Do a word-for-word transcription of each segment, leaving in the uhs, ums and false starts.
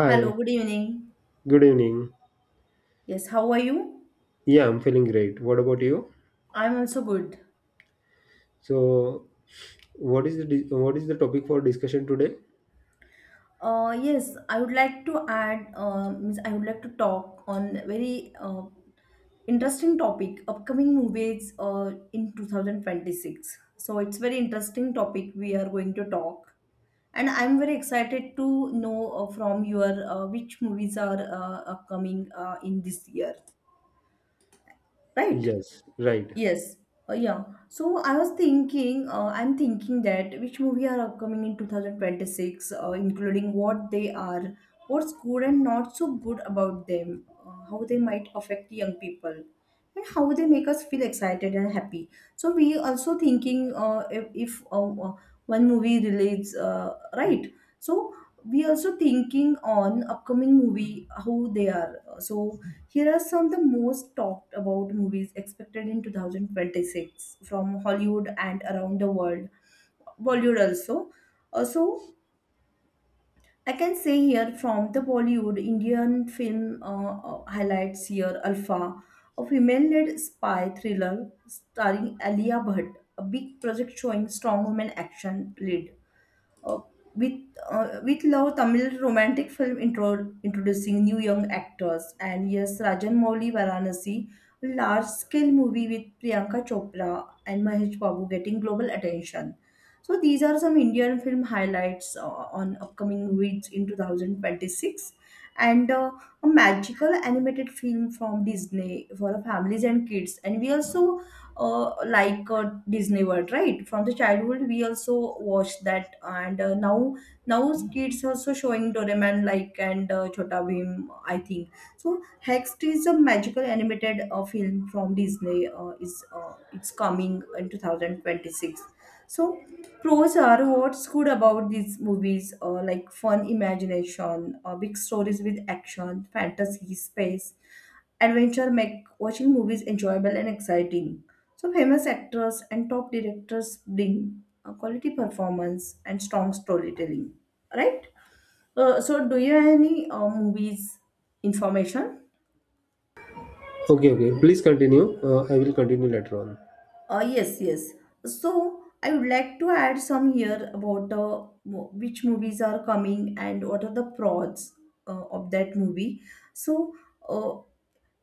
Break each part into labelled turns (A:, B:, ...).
A: Hello, good evening.
B: good evening.
A: Yes, how are you?
B: Yeah, I'm feeling great. What about you?
A: I'm also good.
B: So, what is the dis- what is the topic for discussion today?
A: Uh, yes, I would like to add, uh, means I would like to talk on very uh, interesting topic, upcoming movies uh, in two thousand twenty-six. So it's very interesting topic we are going to talk. And I'm very excited to know uh, from your uh, which movies are uh, upcoming uh, in this year, right?
B: Yes, right.
A: Yes, uh, yeah. So I was thinking, uh, I'm thinking that which movie are upcoming in two thousand twenty-six, uh, including what they are, what's good and not so good about them, uh, how they might affect young people, and how they make us feel excited and happy. So we also thinking uh, if, if uh, uh, one movie relates, uh, right? So we also thinking on upcoming movie how they are. So here are some of the most talked about movies expected in two thousand twenty-six from Hollywood and around the world, Bollywood also. Uh, so I can say here from the Bollywood, Indian film uh, uh, highlights here Alpha, a female-led spy thriller starring Alia Bhatt, a big project showing strong women action lead uh, with uh, with love, Tamil romantic film intro- introducing new young actors, and yes, Rajan Mouli Varanasi large scale movie with Priyanka Chopra and Mahesh Babu getting global attention. So these are some Indian film highlights uh, on upcoming weeks in two thousand twenty-six, and uh, a magical animated film from Disney for families and kids, and we also uh, like uh, Disney World, right? From the childhood, we also watched that, and uh, now now kids also showing Doraemon like, and uh, Chota Bhim, I think. So Hex is a magical animated uh, film from Disney. Uh, is uh, It's coming in two thousand twenty six. So pros are what's good about these movies, uh, like fun imagination, uh, big stories with action, fantasy, space, adventure make watching movies enjoyable and exciting. So famous actors and top directors bring a quality performance and strong storytelling, right? Uh, so do you have any uh, movies information?
B: Okay, okay. Please continue. Uh, I will continue later on.
A: Uh, yes, yes. So I would like to add some here about uh, mo- which movies are coming and what are the pros uh, of that movie. So uh,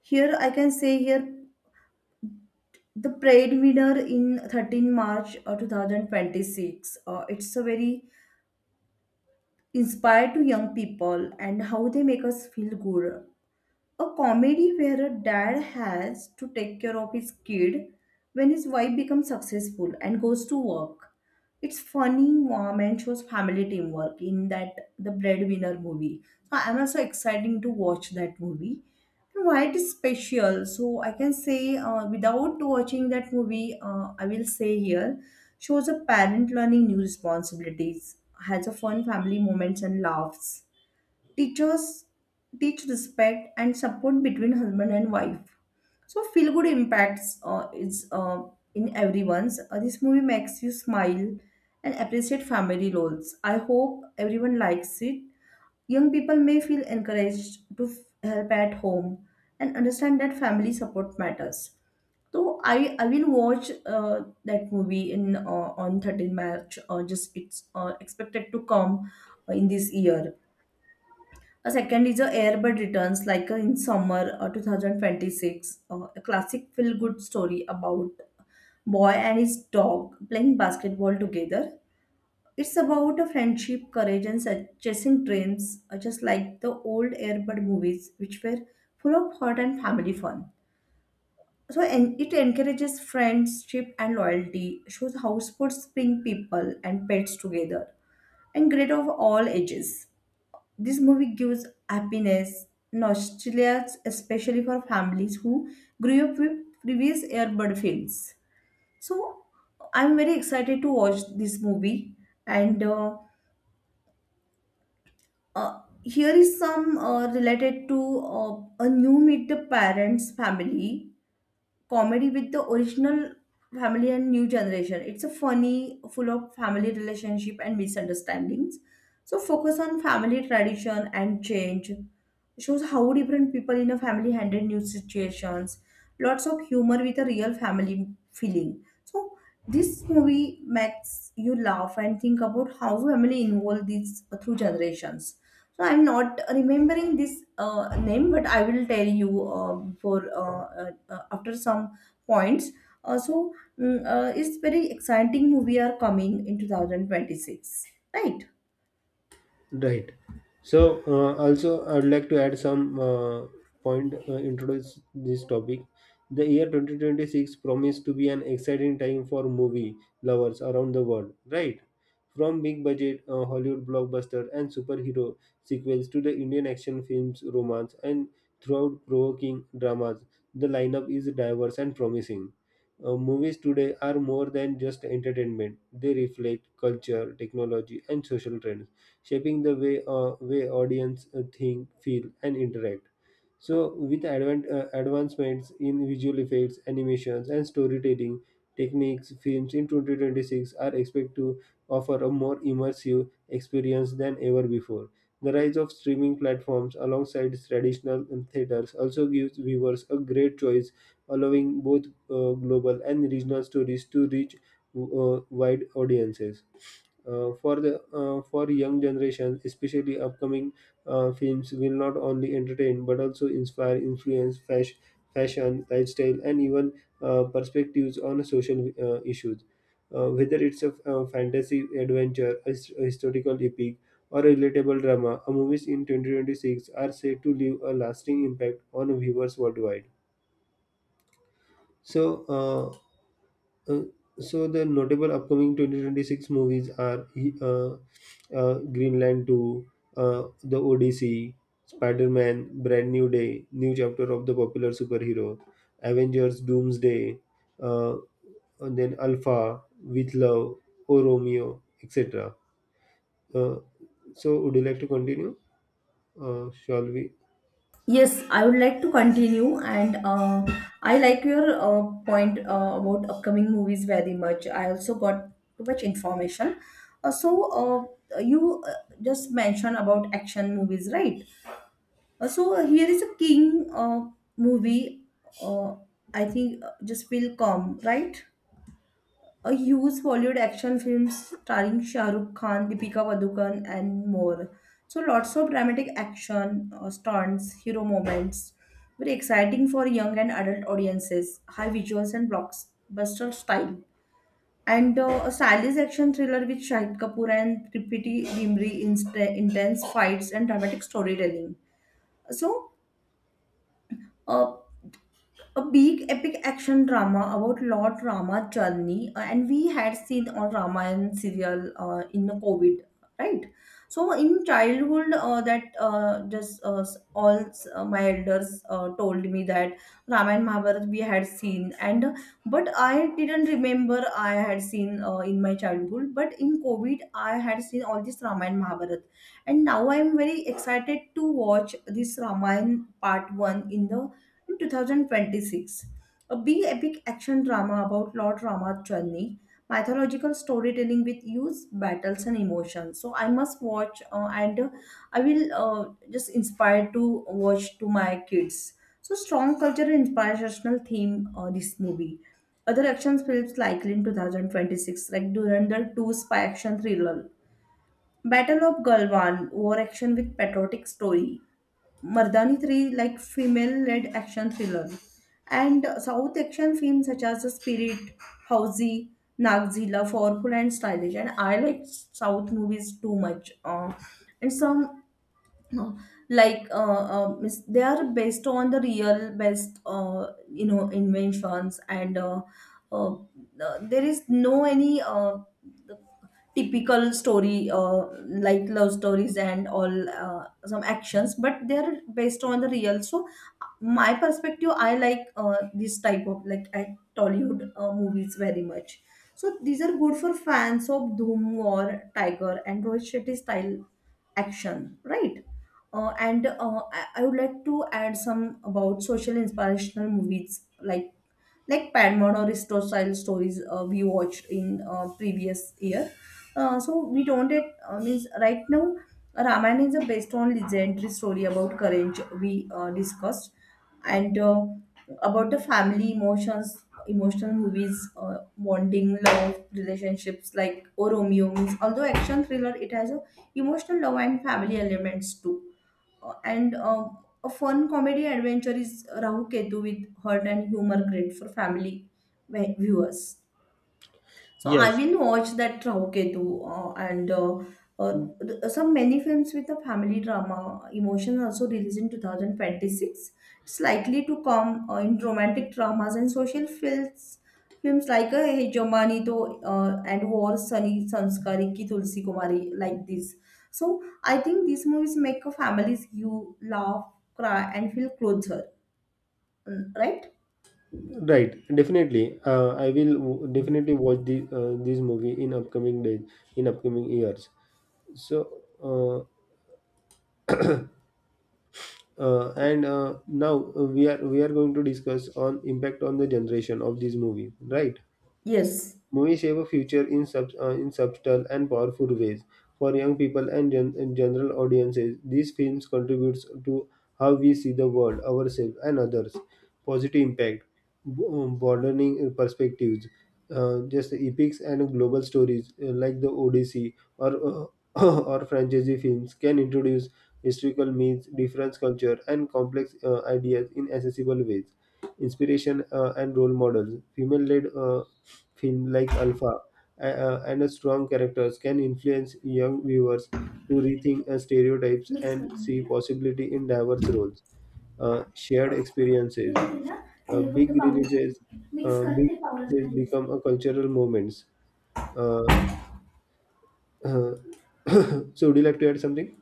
A: here I can say here the Pride winner in March thirteenth uh, two thousand twenty-six. Uh, it's a very inspire to young people, and how they make us feel good, a comedy where a dad has to take care of his kid when his wife becomes successful and goes to work. It's funny, warm, and shows family teamwork in that, the breadwinner movie. So I'm also exciting to watch that movie. And why it is special? So I can say uh, without watching that movie, uh, I will say here shows a parent learning new responsibilities, has a fun family moments and laughs, teachers teach respect and support between husband and wife, so feel good impacts uh, is uh, in everyone's. Uh, this movie makes you smile and appreciate family roles. I hope everyone likes it. Young people may feel encouraged to f- help at home and understand that family support matters. So i i will watch uh, that movie in uh, on March thirteenth march, uh, just it's uh, expected to come uh, in this year. A second is a Airbud Returns, like uh, in summer uh, twenty twenty-six, uh, a classic feel-good story about boy and his dog playing basketball together. It's about a friendship, courage, and sa- chasing dreams, uh, just like the old Airbud movies, which were full of heart and family fun. So, and it encourages friendship and loyalty, shows how sports bring people and pets together, and great of all ages. This movie gives happiness, nostalgia, especially for families who grew up with previous Airbud films. So I'm very excited to watch this movie. And uh, uh, Here is some uh, related to uh, a new Meet the Parents family comedy with the original family and new generation. It's a funny, full of family relationship and misunderstandings. So focus on family tradition and change. Shows how different people in a family handle new situations. Lots of humor with a real family feeling. So this movie makes you laugh and think about how family involve these through generations. So I'm not remembering this uh, name, but I will tell you uh, before uh, uh, after some points. Uh, so mm, uh, it's very exciting movie are coming in two thousand twenty-six, right?
B: Right. So, uh, also, I would like to add some uh, point, uh, introduce this topic. The year twenty twenty six promised to be an exciting time for movie lovers around the world, right? From big budget uh, Hollywood blockbuster and superhero sequels to the Indian action films, romance, and throughout provoking dramas, the lineup is diverse and promising. Uh, movies today are more than just entertainment, they reflect culture, technology, and social trends shaping the way uh, way audience uh, think, feel, and interact. So, with advent, uh, advancements in visual effects, animations, and storytelling techniques, films in two thousand twenty six are expected to offer a more immersive experience than ever before. The rise of streaming platforms alongside traditional um, theaters also gives viewers a great choice, allowing both uh, global and regional stories to reach uh, wide audiences. Uh, for the uh, for young generation, especially upcoming uh, films will not only entertain but also inspire, influence fashion, fashion, lifestyle, and even uh, perspectives on social uh, issues. Uh, whether it's a, uh fantasy adventure, a, his- a historical epic, or a relatable drama, a movies in twenty twenty six are said to leave a lasting impact on viewers worldwide. So. Uh, uh, so the notable upcoming twenty twenty six movies are uh, uh, Greenland two, uh, The Odyssey, Spider-Man, Brand New Day, New Chapter of the Popular Superhero, Avengers Doomsday, uh, and then Alpha, With Love, O Romeo, et cetera. Uh, so would you like to continue? Uh, shall we?
A: Yes, I would like to continue, and uh, I like your uh, point uh, about upcoming movies very much. I also got too much information. Uh, so uh, you uh, just mentioned about action movies, right? Uh, So uh, here is a King uh, movie. Uh, I think uh, just will come, right. A huge Hollywood action film starring Shah Rukh Khan, Deepika Padukone, and more. So lots of dramatic action, uh, stunts, hero moments. Very exciting for young and adult audiences. High visuals and blockbuster style. And uh, a stylish action thriller with Shahid Kapoor and Tripiti Dimri. inst- Intense fights and dramatic storytelling. So. Uh, a big epic action drama about Lord Rama journey, uh, and we had seen on Ramayan serial uh, in the COVID, right? So in childhood, uh, that uh, just uh, s- all s- uh, my elders uh, told me that Ramayan Mahabharata we had seen, and but I didn't remember I had seen uh, in my childhood. But in COVID, I had seen all this Ramayan Mahabharata, and now I'm very excited to watch this Ramayan part one in the in twenty twenty-six, a big epic action drama about Lord Rama's journey, mythological storytelling with use, battles, and emotions. So I must watch, uh, and uh, I will uh, just inspire to watch to my kids. So strong cultural inspirational theme. Uh, this movie. Other action films likely in twenty twenty-six, like Durandar two spy action thriller, Battle of Galvan, war action with patriotic story, Mardani three like female-led action thriller, and South action films such as The Spirit, Housey, Nagzilla, powerful and stylish. And I like South movies too much, uh, and some uh, like uh, uh, mis- they are based on the real best, uh, you know, inventions, and uh, uh, uh, there is no any uh, typical story, uh, like love stories and all, uh, some actions, but they're based on the real. So my perspective, I like uh, this type of like I Tollywood uh, movies very much. So these are good for fans of Doom or Tiger and Rohit Shetty style action, right? Uh, and uh, I, I would like to add some about social inspirational movies like like Padmon or Risto style stories uh, we watched in uh, previous year. Uh, so we don't it, uh, means right now Ramayana is the based on legendary story about courage we uh, discussed, and uh, about the family emotions emotional movies uh, bonding love relationships like Oh Romeo, means although action thriller, it has a emotional love and family elements too, uh, and uh, a fun comedy adventure is Rahu Ketu with heart and humor, great for family vi- viewers. So I
B: Yes,
A: will watch that Rahuketu uh, and uh, uh,
B: mm,
A: th- some many films with a family drama emotion also released in two thousand twenty-six. It's likely to come uh, in romantic dramas and social films films like uh, Hey Jomani To uh, and War Sunny Sanskari Ki Tulsi Kumari, like this. So I think these movies make a families, you laugh, cry, and feel closer, mm, right?
B: right. Definitely. Uh, I will w- definitely watch the, uh, this movie in upcoming days, in upcoming years. So, uh, uh, and uh, now uh, we are we are going to discuss on impact on the generation of this movie, right?
A: Yes.
B: Movies shape a future in, sub, uh, in subtle and powerful ways. For young people and, gen- and general audiences, these films contribute to how we see the world, ourselves, and others. Positive impact, b- um, broadening perspectives, uh, just epics and global stories uh, like the Odyssey or uh, or franchise films can introduce historical myths, different culture, and complex uh, ideas in accessible ways inspiration uh, and role models. Female led film like Alpha uh, uh, and strong characters can influence young viewers to rethink uh, stereotypes and see possibility in diverse roles, uh, shared
A: ते
B: experiences.
A: होते ना ते
B: Uh,
A: फक्त
B: big
A: पावलं
B: releases,
A: टाकून mix
B: uh,
A: कर
B: Big
A: ते पावलं
B: releases
A: खाली
B: become
A: दिसते.
B: a cultural moments. Uh, so, would you like to add something?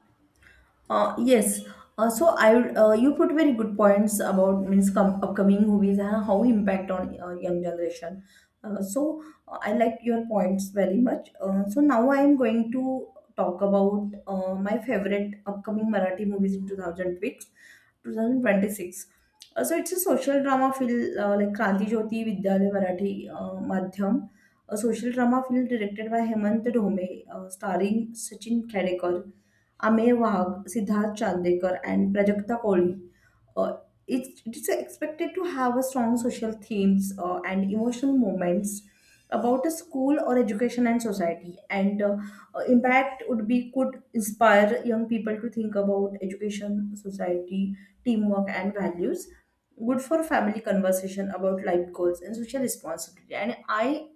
A: Uh, yes. Uh, so I would, uh, you put very good points about means com- upcoming movies and how impact on uh, young generation. Uh, so uh, I like your points very much. Uh, so now I am going to talk about uh, my favorite upcoming Marathi movies in two thousand six, two thousand twenty-six. Uh, so it's a social drama filled, uh, like Kranti Jyoti Vidyalaya Marathi uh, Madhyam, a social drama film directed by Hemant Dome, uh, starring Sachin Khedekar, Amey Wagh, Siddharth Chandekar, and Prajakta Kohli. Uh, it's, it's expected to have a strong social themes uh, and emotional moments about a school or education and society, and uh, uh, impact would be could inspire young people to think about education, society, teamwork, and values, good for family conversation about life goals and social responsibility. And I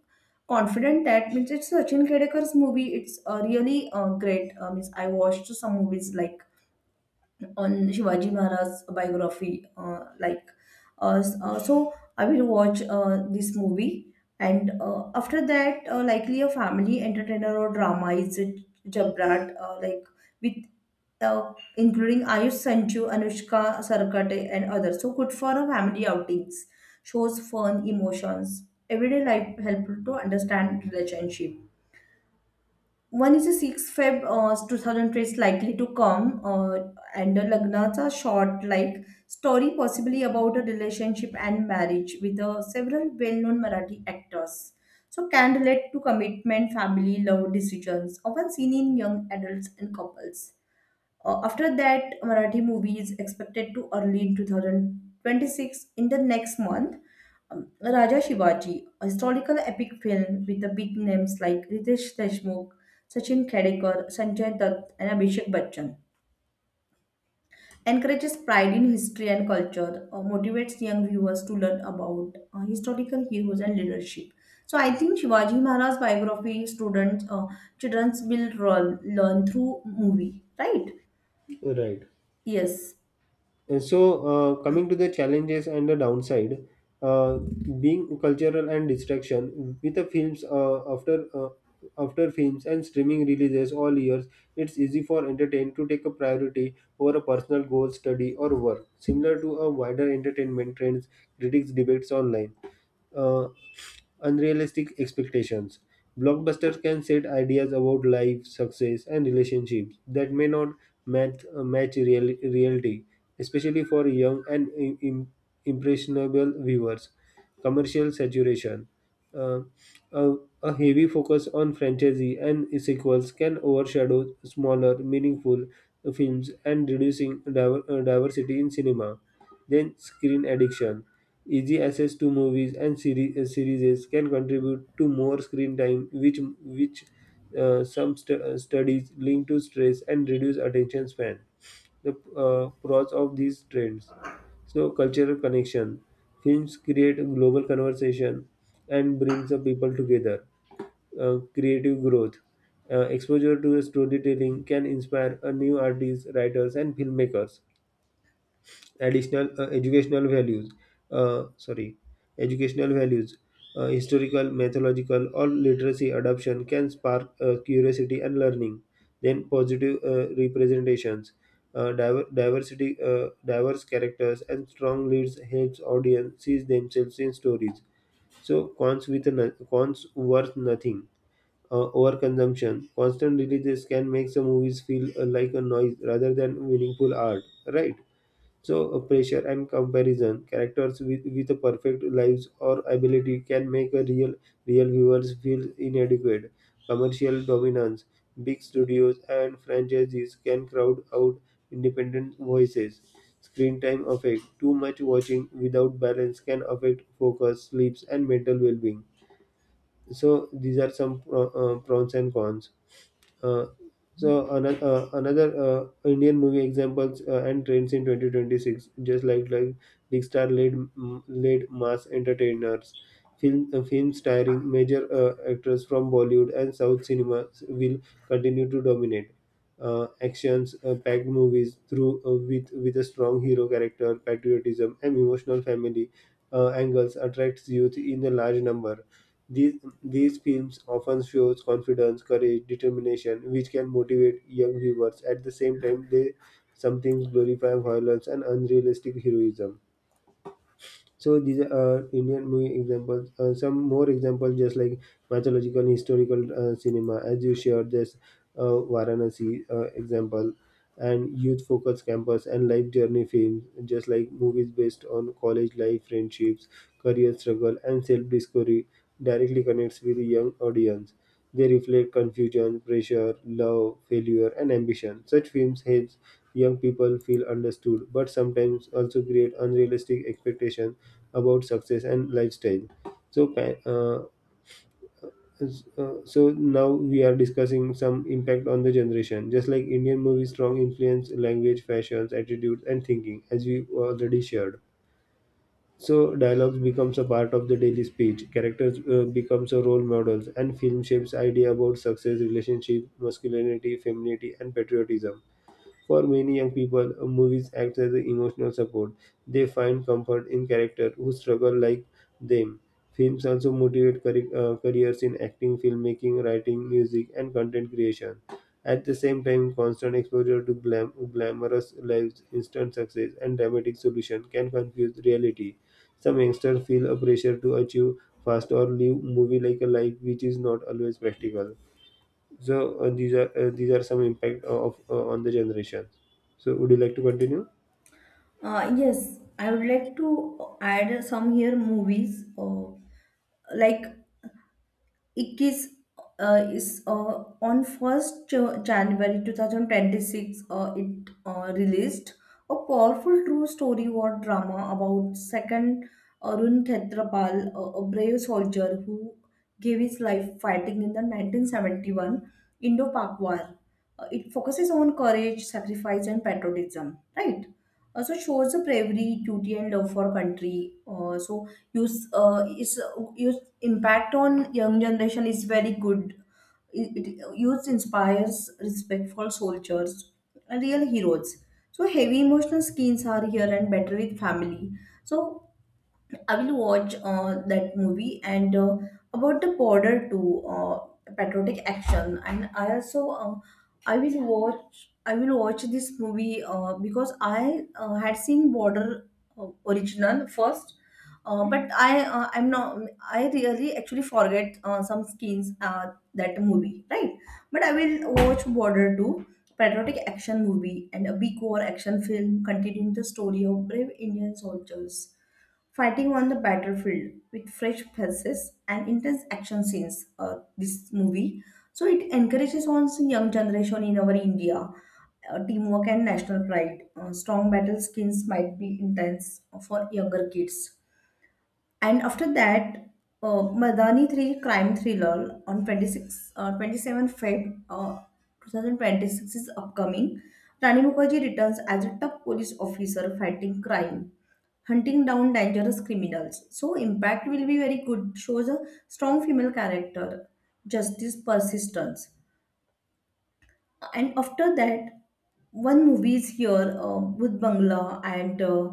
A: confident that, means it's Sachin Kedekar's movie. It's uh, really uh, great. Uh, means I watched some movies like on Shivaji Maharaj's biography. Uh, like, uh, s- uh, so I will watch uh, this movie, and uh, after that, uh, likely a family entertainer or drama is a Jabrat, uh, like with uh, including Ayush Sanchu, Anushka Sarkate, and others. So good for a family outings, shows fun emotions, everyday life helpful to understand relationship one is a six February uh, two thousand three is likely to come, uh, And Lagnat's a short, like, story possibly about a relationship and marriage with uh, several well known Marathi actors. So, can relate to commitment, family, love decisions, often seen in young adults and couples. Uh, after that, Marathi movie is expected to early in two thousand twenty-six. In the next month, um, Raja Shivaji, a historical epic film with the big names like Ritesh Deshmukh, Sachin Khedekar, Sanjay Dutt, and Abhishek Bachchan, encourages pride in history and culture, uh, motivates young viewers to learn about uh, historical heroes and leadership. So I think Shivaji Maharaj's biography students, uh, children will learn learn through movie, right?
B: Right.
A: Yes.
B: And so, uh, coming to the challenges and the downside, uh, being cultural and distraction with the films uh, after uh, after films and streaming releases all years, it's easy for entertainment to take a priority over a personal goal, study, or work. Similar to a wider entertainment trends, critics debates online. Uh, Unrealistic expectations. Blockbusters can set ideas about life, success, and relationships that may not match, uh, match real, reality, especially for young and im- im- impressionable viewers. Commercial saturation. Uh, a a heavy focus on franchise and sequels can overshadow smaller, meaningful films and reducing diver- uh, diversity in cinema. Then, screen addiction. Easy access to movies and seri- uh, series can contribute to more screen time, which, which uh, some stu- uh, studies link to stress and reduce attention span. The uh, pros of these trends. So cultural connection. Films create global conversation and brings the people together. Uh, creative growth. Uh, exposure to storytelling can inspire a new artists, writers, and filmmakers additional uh, educational values uh, sorry educational values uh, historical mythological or literacy adoption can spark uh, curiosity and learning then positive uh, representations uh, diver- diversity uh, diverse characters and strong leads helps audience see themselves in stories. So cons with no- cons worth nothing. Uh, overconsumption constant releases can make some movies feel uh, like a noise rather than meaningful art, right? So, uh, pressure and comparison, characters with, with perfect lives or ability can make a real real viewers feel inadequate. Commercial dominance, big studios and franchises can crowd out independent voices. Screen time effect, too much watching without balance can affect focus, sleeps, and mental well-being. So, these are some pro- uh, pros and cons. Uh, so another, uh, another uh, Indian movie examples uh, and trends in twenty twenty six, just like like big star led mm, led mass entertainers, film uh, films starring major uh, actors from Bollywood and South cinemas will continue to dominate. Uh, actions uh, packed movies through uh, with with a strong hero character, patriotism, and emotional family uh, angles attracts youth in a large number. These, these films often shows confidence, courage, determination, which can motivate young viewers. At the same time, they sometimes glorify violence and unrealistic heroism. So these are uh, Indian movie examples. Uh, some more examples, just like mythological, and historical uh, cinema, as you shared this uh, Varanasi uh, example, and youth focused campus and life journey films, just like movies based on college life, friendships, career struggle, and self discovery, directly connects with a young audience. They reflect confusion, pressure, love, failure, and ambition. Such films help young people feel understood, but sometimes also create unrealistic expectations about success and lifestyle. So, pa- uh, s- uh, so now we are discussing some impact on the generation. Just like Indian movies, strong influence language, fashions, attitudes, and thinking, as we already shared. So dialogues becomes a part of the daily speech. Characters uh, becomes a role models, and film shapes idea about success, relationship, masculinity, femininity, and patriotism. For many young people, movies act as emotional support. They find comfort in characters who struggle like them. Films also motivate carri- uh, careers in acting, filmmaking, writing, music, and content creation. At the same time, constant exposure to glam- glamorous lives, instant success, and dramatic solution can confuse reality. Some youngsters feel a pressure to achieve fast or live movie like a life which is not always practical. So uh, these are uh, these are some impact of uh, on the generation. So would you like to continue?
A: Uh, yes, I would like to add some here movies uh, like Ikkis uh, is uh, on first uh, January twenty twenty-six uh, it uh, released a powerful true story war drama about second Arun Khetrapal, a a brave soldier who gave his life fighting in the nineteen seventy-one Indo-Pak War. Uh, it focuses on courage, sacrifice and patriotism, right? Also shows the bravery, duty, and love for country. Uh, so, use uh, its uh, its impact on young generation is very good. It, it youth inspires respectful soldiers and real heroes. So heavy emotional skins are here and better with family. So I will watch uh, that movie and uh, about the border too, uh, patriotic action. And I also uh, I will watch I will watch this movie uh, because I uh, had seen border uh, original first, uh, but I uh, I'm not I really actually forget uh, some scenes uh, that movie right. But I will watch border too. Patriotic action movie and a big war action film continuing the story of brave Indian soldiers fighting on the battlefield with fresh faces and intense action scenes uh, this movie so it encourages also young generation in our india, uh, teamwork and national pride. Uh, strong battle skins might be intense for younger kids. And after that, uh, Madani three crime thriller on twenty-six, uh, twenty-seven February uh, twenty twenty-six is upcoming. Rani Mukherjee returns as a tough police officer fighting crime, hunting down dangerous criminals. So impact will be very good. Shows a strong female character, justice persistence. And after that one movie is here uh, Bhut Bangla and uh,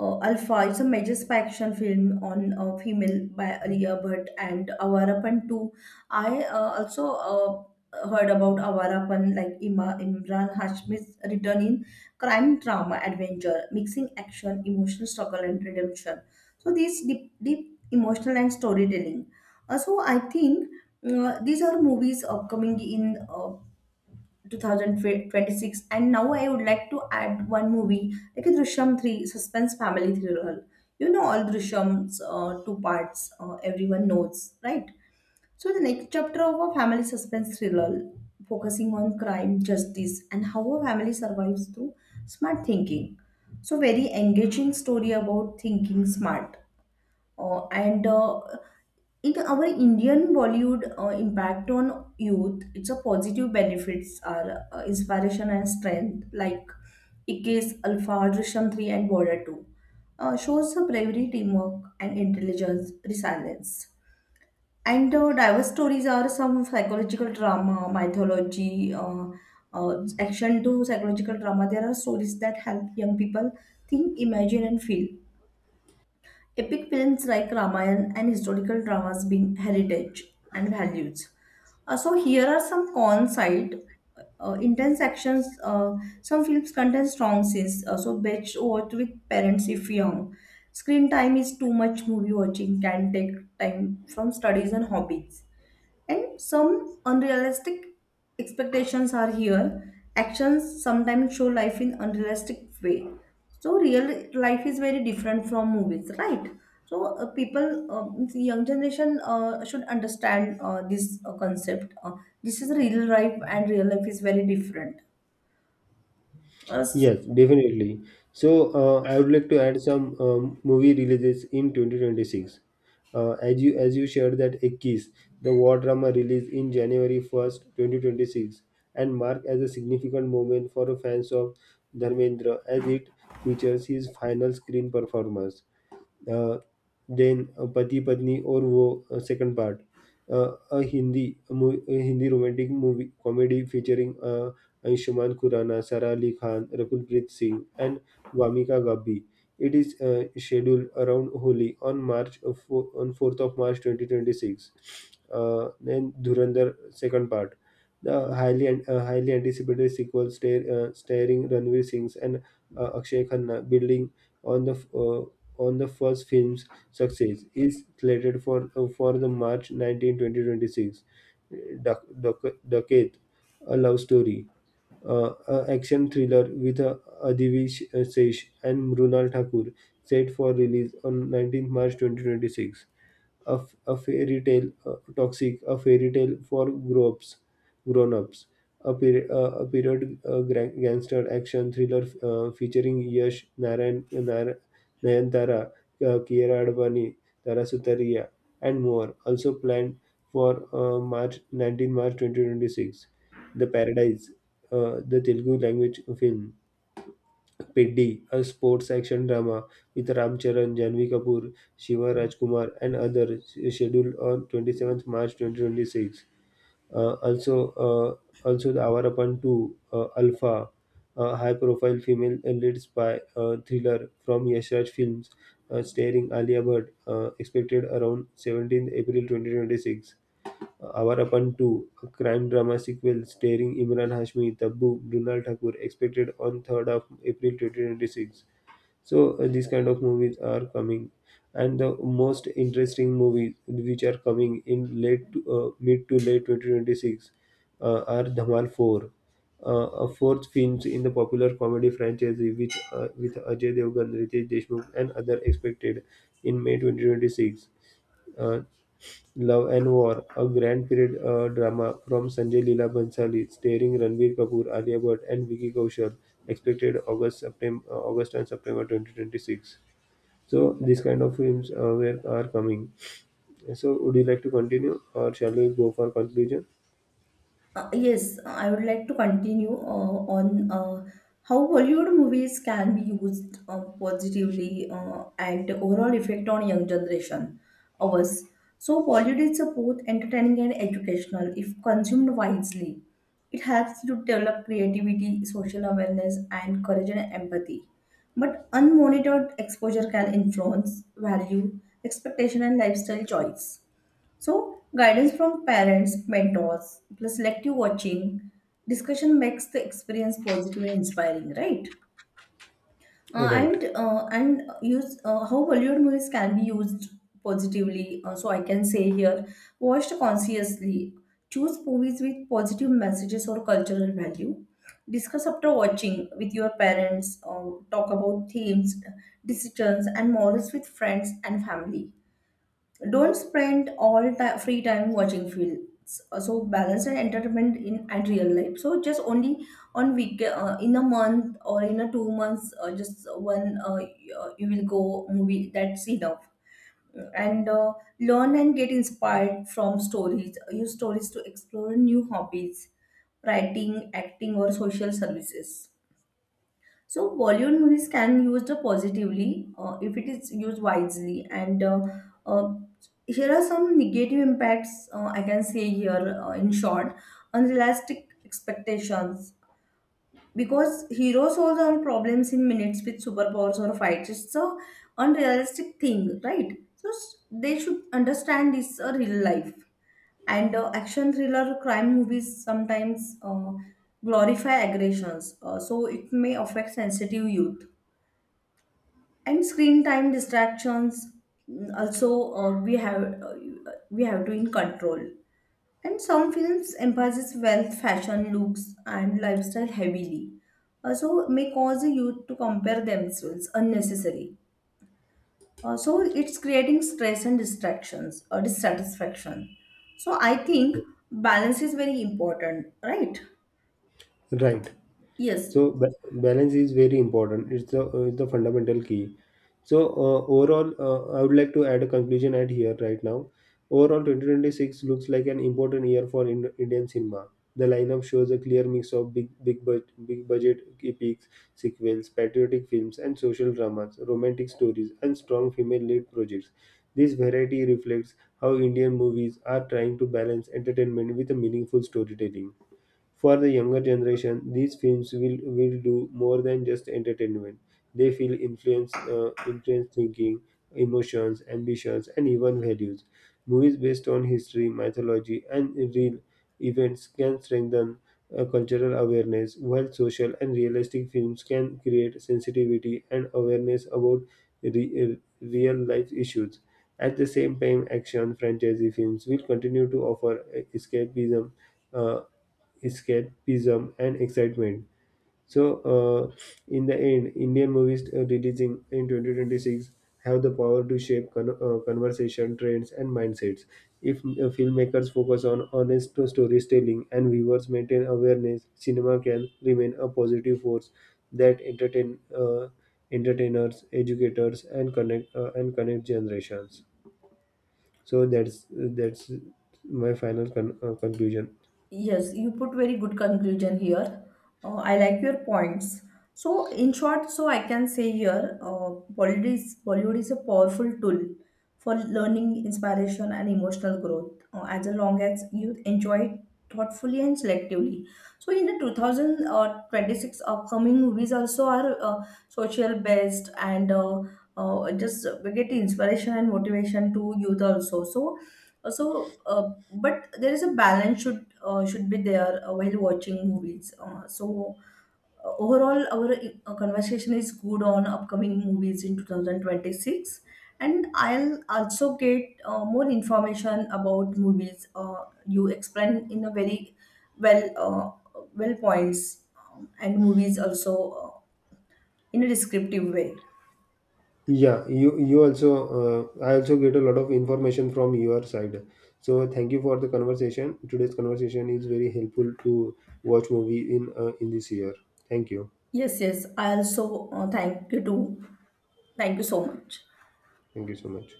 A: uh, Alpha, it's a major spy action film on uh, female by Alia Bhatt and Avarapan too. I uh, also uh, heard about Avarapan like Ima, Imran Hashmi's return in crime drama adventure mixing action emotional struggle and redemption. So these deep, deep emotional and storytelling. Uh, So I think uh, these are movies upcoming in uh, two thousand twenty-six. And now I would like to add one movie like a Drishyam three suspense family thriller. You know all Drishyams uh, two parts uh, everyone knows, right? So the next chapter of a family suspense thriller focusing on crime justice and how a family survives through smart thinking. So very engaging story about thinking smart. Uh, and uh, In our Indian Bollywood uh, impact on youth, it's a positive benefits are uh, inspiration and strength like Ikkes, Alpha, Drishyam three and Border two. Uh, shows the bravery, teamwork and intelligence, resilience. And uh, Diverse stories are some psychological drama, mythology, uh, uh, action to psychological drama. There are stories that help young people think, imagine and feel. Epic films like Ramayana and historical dramas being heritage and values. Uh, so here are some cons side. Uh, intense actions. Uh, some films contain strong scenes, uh, so best watched with parents if young. Screen time is too much. Movie watching can take time from studies and hobbies. And some unrealistic expectations are here. Actions sometimes show life in unrealistic way. So real life is very different from movies, right? So uh, people, uh, means young generation uh, should understand uh, this uh, concept. Uh, this is real life, and real life is very different. Uh,
B: Yes, definitely. So uh, I would like to add some um, movie releases in twenty twenty six. Uh, as you as you shared, that a kiss, the war drama released in January first, twenty twenty six, and marked as a significant moment for fans of Dharmendra as it features his final screen performance. अ, जैन पति पत्नी और वो second part uh, uh Hindi मू Hindi romantic movie comedy featuring uh, Ayushmann Khurrana, Sara Ali Khan, Rakulpreet Singh, and Vamika Gabbi. It is uh, scheduled around Holi on March of fo- on fourth of March twenty twenty six. Uh, then Dhurandhar second part. The highly an- uh, highly anticipated sequel star, uh, starring Ranveer Singh and uh, Akshay Khanna, building on the uh, on the first film's success, is slated for uh, for the March nineteenth, twenty twenty six. Duck- Duck- Duckett, a love story, uh, a action thriller with uh, Adhivish Sesh and Mrunal Thakur, set for release on nineteenth March twenty twenty six. A, f- a fairy tale, uh, toxic, a fairy tale for grown-ups grown-ups, a, peri- uh, a period uh, gran- gangster action thriller uh, featuring Yash, Narayan, Nar- Nayantara, uh, Kiera Advani, Tara Sutaria, and more, also planned for uh, March nineteenth, March twenty twenty six. The Paradise, uh, the Telugu language film Piddi, a sports action drama with Ram Charan, Janvi Kapoor, Shiva Rajkumar, and others, scheduled on twenty-seventh March twenty twenty six. Uh, also, uh, also the Avarapan two, uh, Alpha, a high-profile female leads by uh, thriller from Yashraj Films, uh, starring Alia Bhatt, uh, expected around seventeenth April twenty twenty six. Avarappan two, a crime drama sequel starring Imran Hashmi, Taboo, Brunal Thakur, expected on third of April twenty twenty six. So, uh, these kind of movies are coming. And the most interesting movies which are coming in late to, uh, mid to late twenty twenty six uh, are Dhamal four, uh, a fourth film in the popular comedy franchise, which, uh, with Ajay Devgan, Ritesh Deshmukh, and other expected in May twenty twenty six. Uh, Love and War, a grand period uh, drama from Sanjay Leela Bhansali, starring Ranveer Kapoor, Alia Bhatt, and Vicky Kaushal, expected August, September, August and September twenty twenty six. So these kind of films uh, were, are coming. So would you like to continue, or shall we go for conclusion?
A: Uh, yes, I would like to continue uh, on uh, how Bollywood movies can be used uh, positively uh, and the overall effect on young generation of us. So Bollywood is both entertaining and educational if consumed wisely. It helps to develop creativity, social awareness, and courage and empathy. But unmonitored exposure can influence value, expectation, and lifestyle choice. So, guidance from parents, mentors, plus selective watching, discussion makes the experience positive and inspiring, right? Uh,
B: Right,
A: and uh, and use uh, how Bollywood movies can be used positively. Uh, so I can say here, watched consciously. Choose movies with positive messages or cultural value. Discuss after watching with your parents. Uh, talk about themes, decisions, and morals with friends and family. Don't spend all ti free time watching films. Uh, So balance and entertainment in and real life. So just only on week uh, in a month or in a two months, uh, just one uh, y- uh, you will go movie. That's enough. And uh, Learn and get inspired from stories. Uh, Use stories to explore new hobbies, writing, acting, or social services. So Bollywood movies can used positively uh, if it is used wisely. And uh, uh, Here are some negative impacts uh, I can say here uh, in short: unrealistic expectations. Because heroes solve all problems in minutes with superpowers or fights. It's a unrealistic thing, right? So s- they should understand this a real life. And uh, Action thriller crime movies sometimes uh, glorify aggressions, uh, so it may affect sensitive youth and screen time distractions. Mm, also uh, we have uh, We have to in control. And some films emphasize wealth fashion looks and lifestyle heavily also may cause the youth to compare themselves unnecessarily. Also it's creating stress and distractions or dissatisfaction. So I think balance is very important, right?
B: right.
A: Yes.
B: So ba- balance is very important. It's the uh, it's the fundamental key. So uh, overall, uh, I would like to add a conclusion at here right now. Overall, twenty twenty six looks like an important year for Ind- indian cinema. The lineup shows a clear mix of big big bud- big budget epics, sequels, patriotic films and social dramas, romantic stories and strong female lead projects. This variety reflects how Indian movies are trying to balance entertainment with a meaningful storytelling. For the younger generation, these films will, will do more than just entertainment. They feel influence, uh, influence thinking, emotions, ambitions, and even values. Movies based on history, mythology, and real events can strengthen uh, cultural awareness, while social and realistic films can create sensitivity and awareness about re- uh, real life issues. At the same time, action franchise films will continue to offer uh, escapism uh, escapism and excitement. So, uh, in the end, Indian movies uh, releasing in twenty twenty six have the power to shape con- uh, conversation, trends, and mindsets. If uh, filmmakers focus on honest storytelling and viewers maintain awareness, cinema can remain a positive force that entertain uh, entertainers, educators, and connect uh, and connect generations. So that's that's my final con- uh, conclusion.
A: Yes, you put very good conclusion here. Uh, I like your points. So, in short, so I can say here, uh, Bollywood is, Bollywood is a powerful tool for learning, inspiration, and emotional growth, uh, as long as you enjoy it thoughtfully and selectively. So, in the two thousand twenty-six upcoming movies also are uh, social based and uh, uh, just we get inspiration and motivation to youth also. So, uh, So, uh, but there is a balance should uh, should be there uh, while watching movies. Uh, so, uh, overall, our uh, conversation is good on upcoming movies in two thousand twenty-six, and I'll also get uh, more information about movies. Uh, you explain in a very well uh, well points um, and movies also uh, in a descriptive way.
B: Yeah, you you also uh, I also get a lot of information from your side. So thank you for the conversation. Today's conversation is very helpful to watch movie in uh, in this year. Thank you.
A: Yes, yes. I also uh, thank you too. Thank you so much.
B: Thank you so much.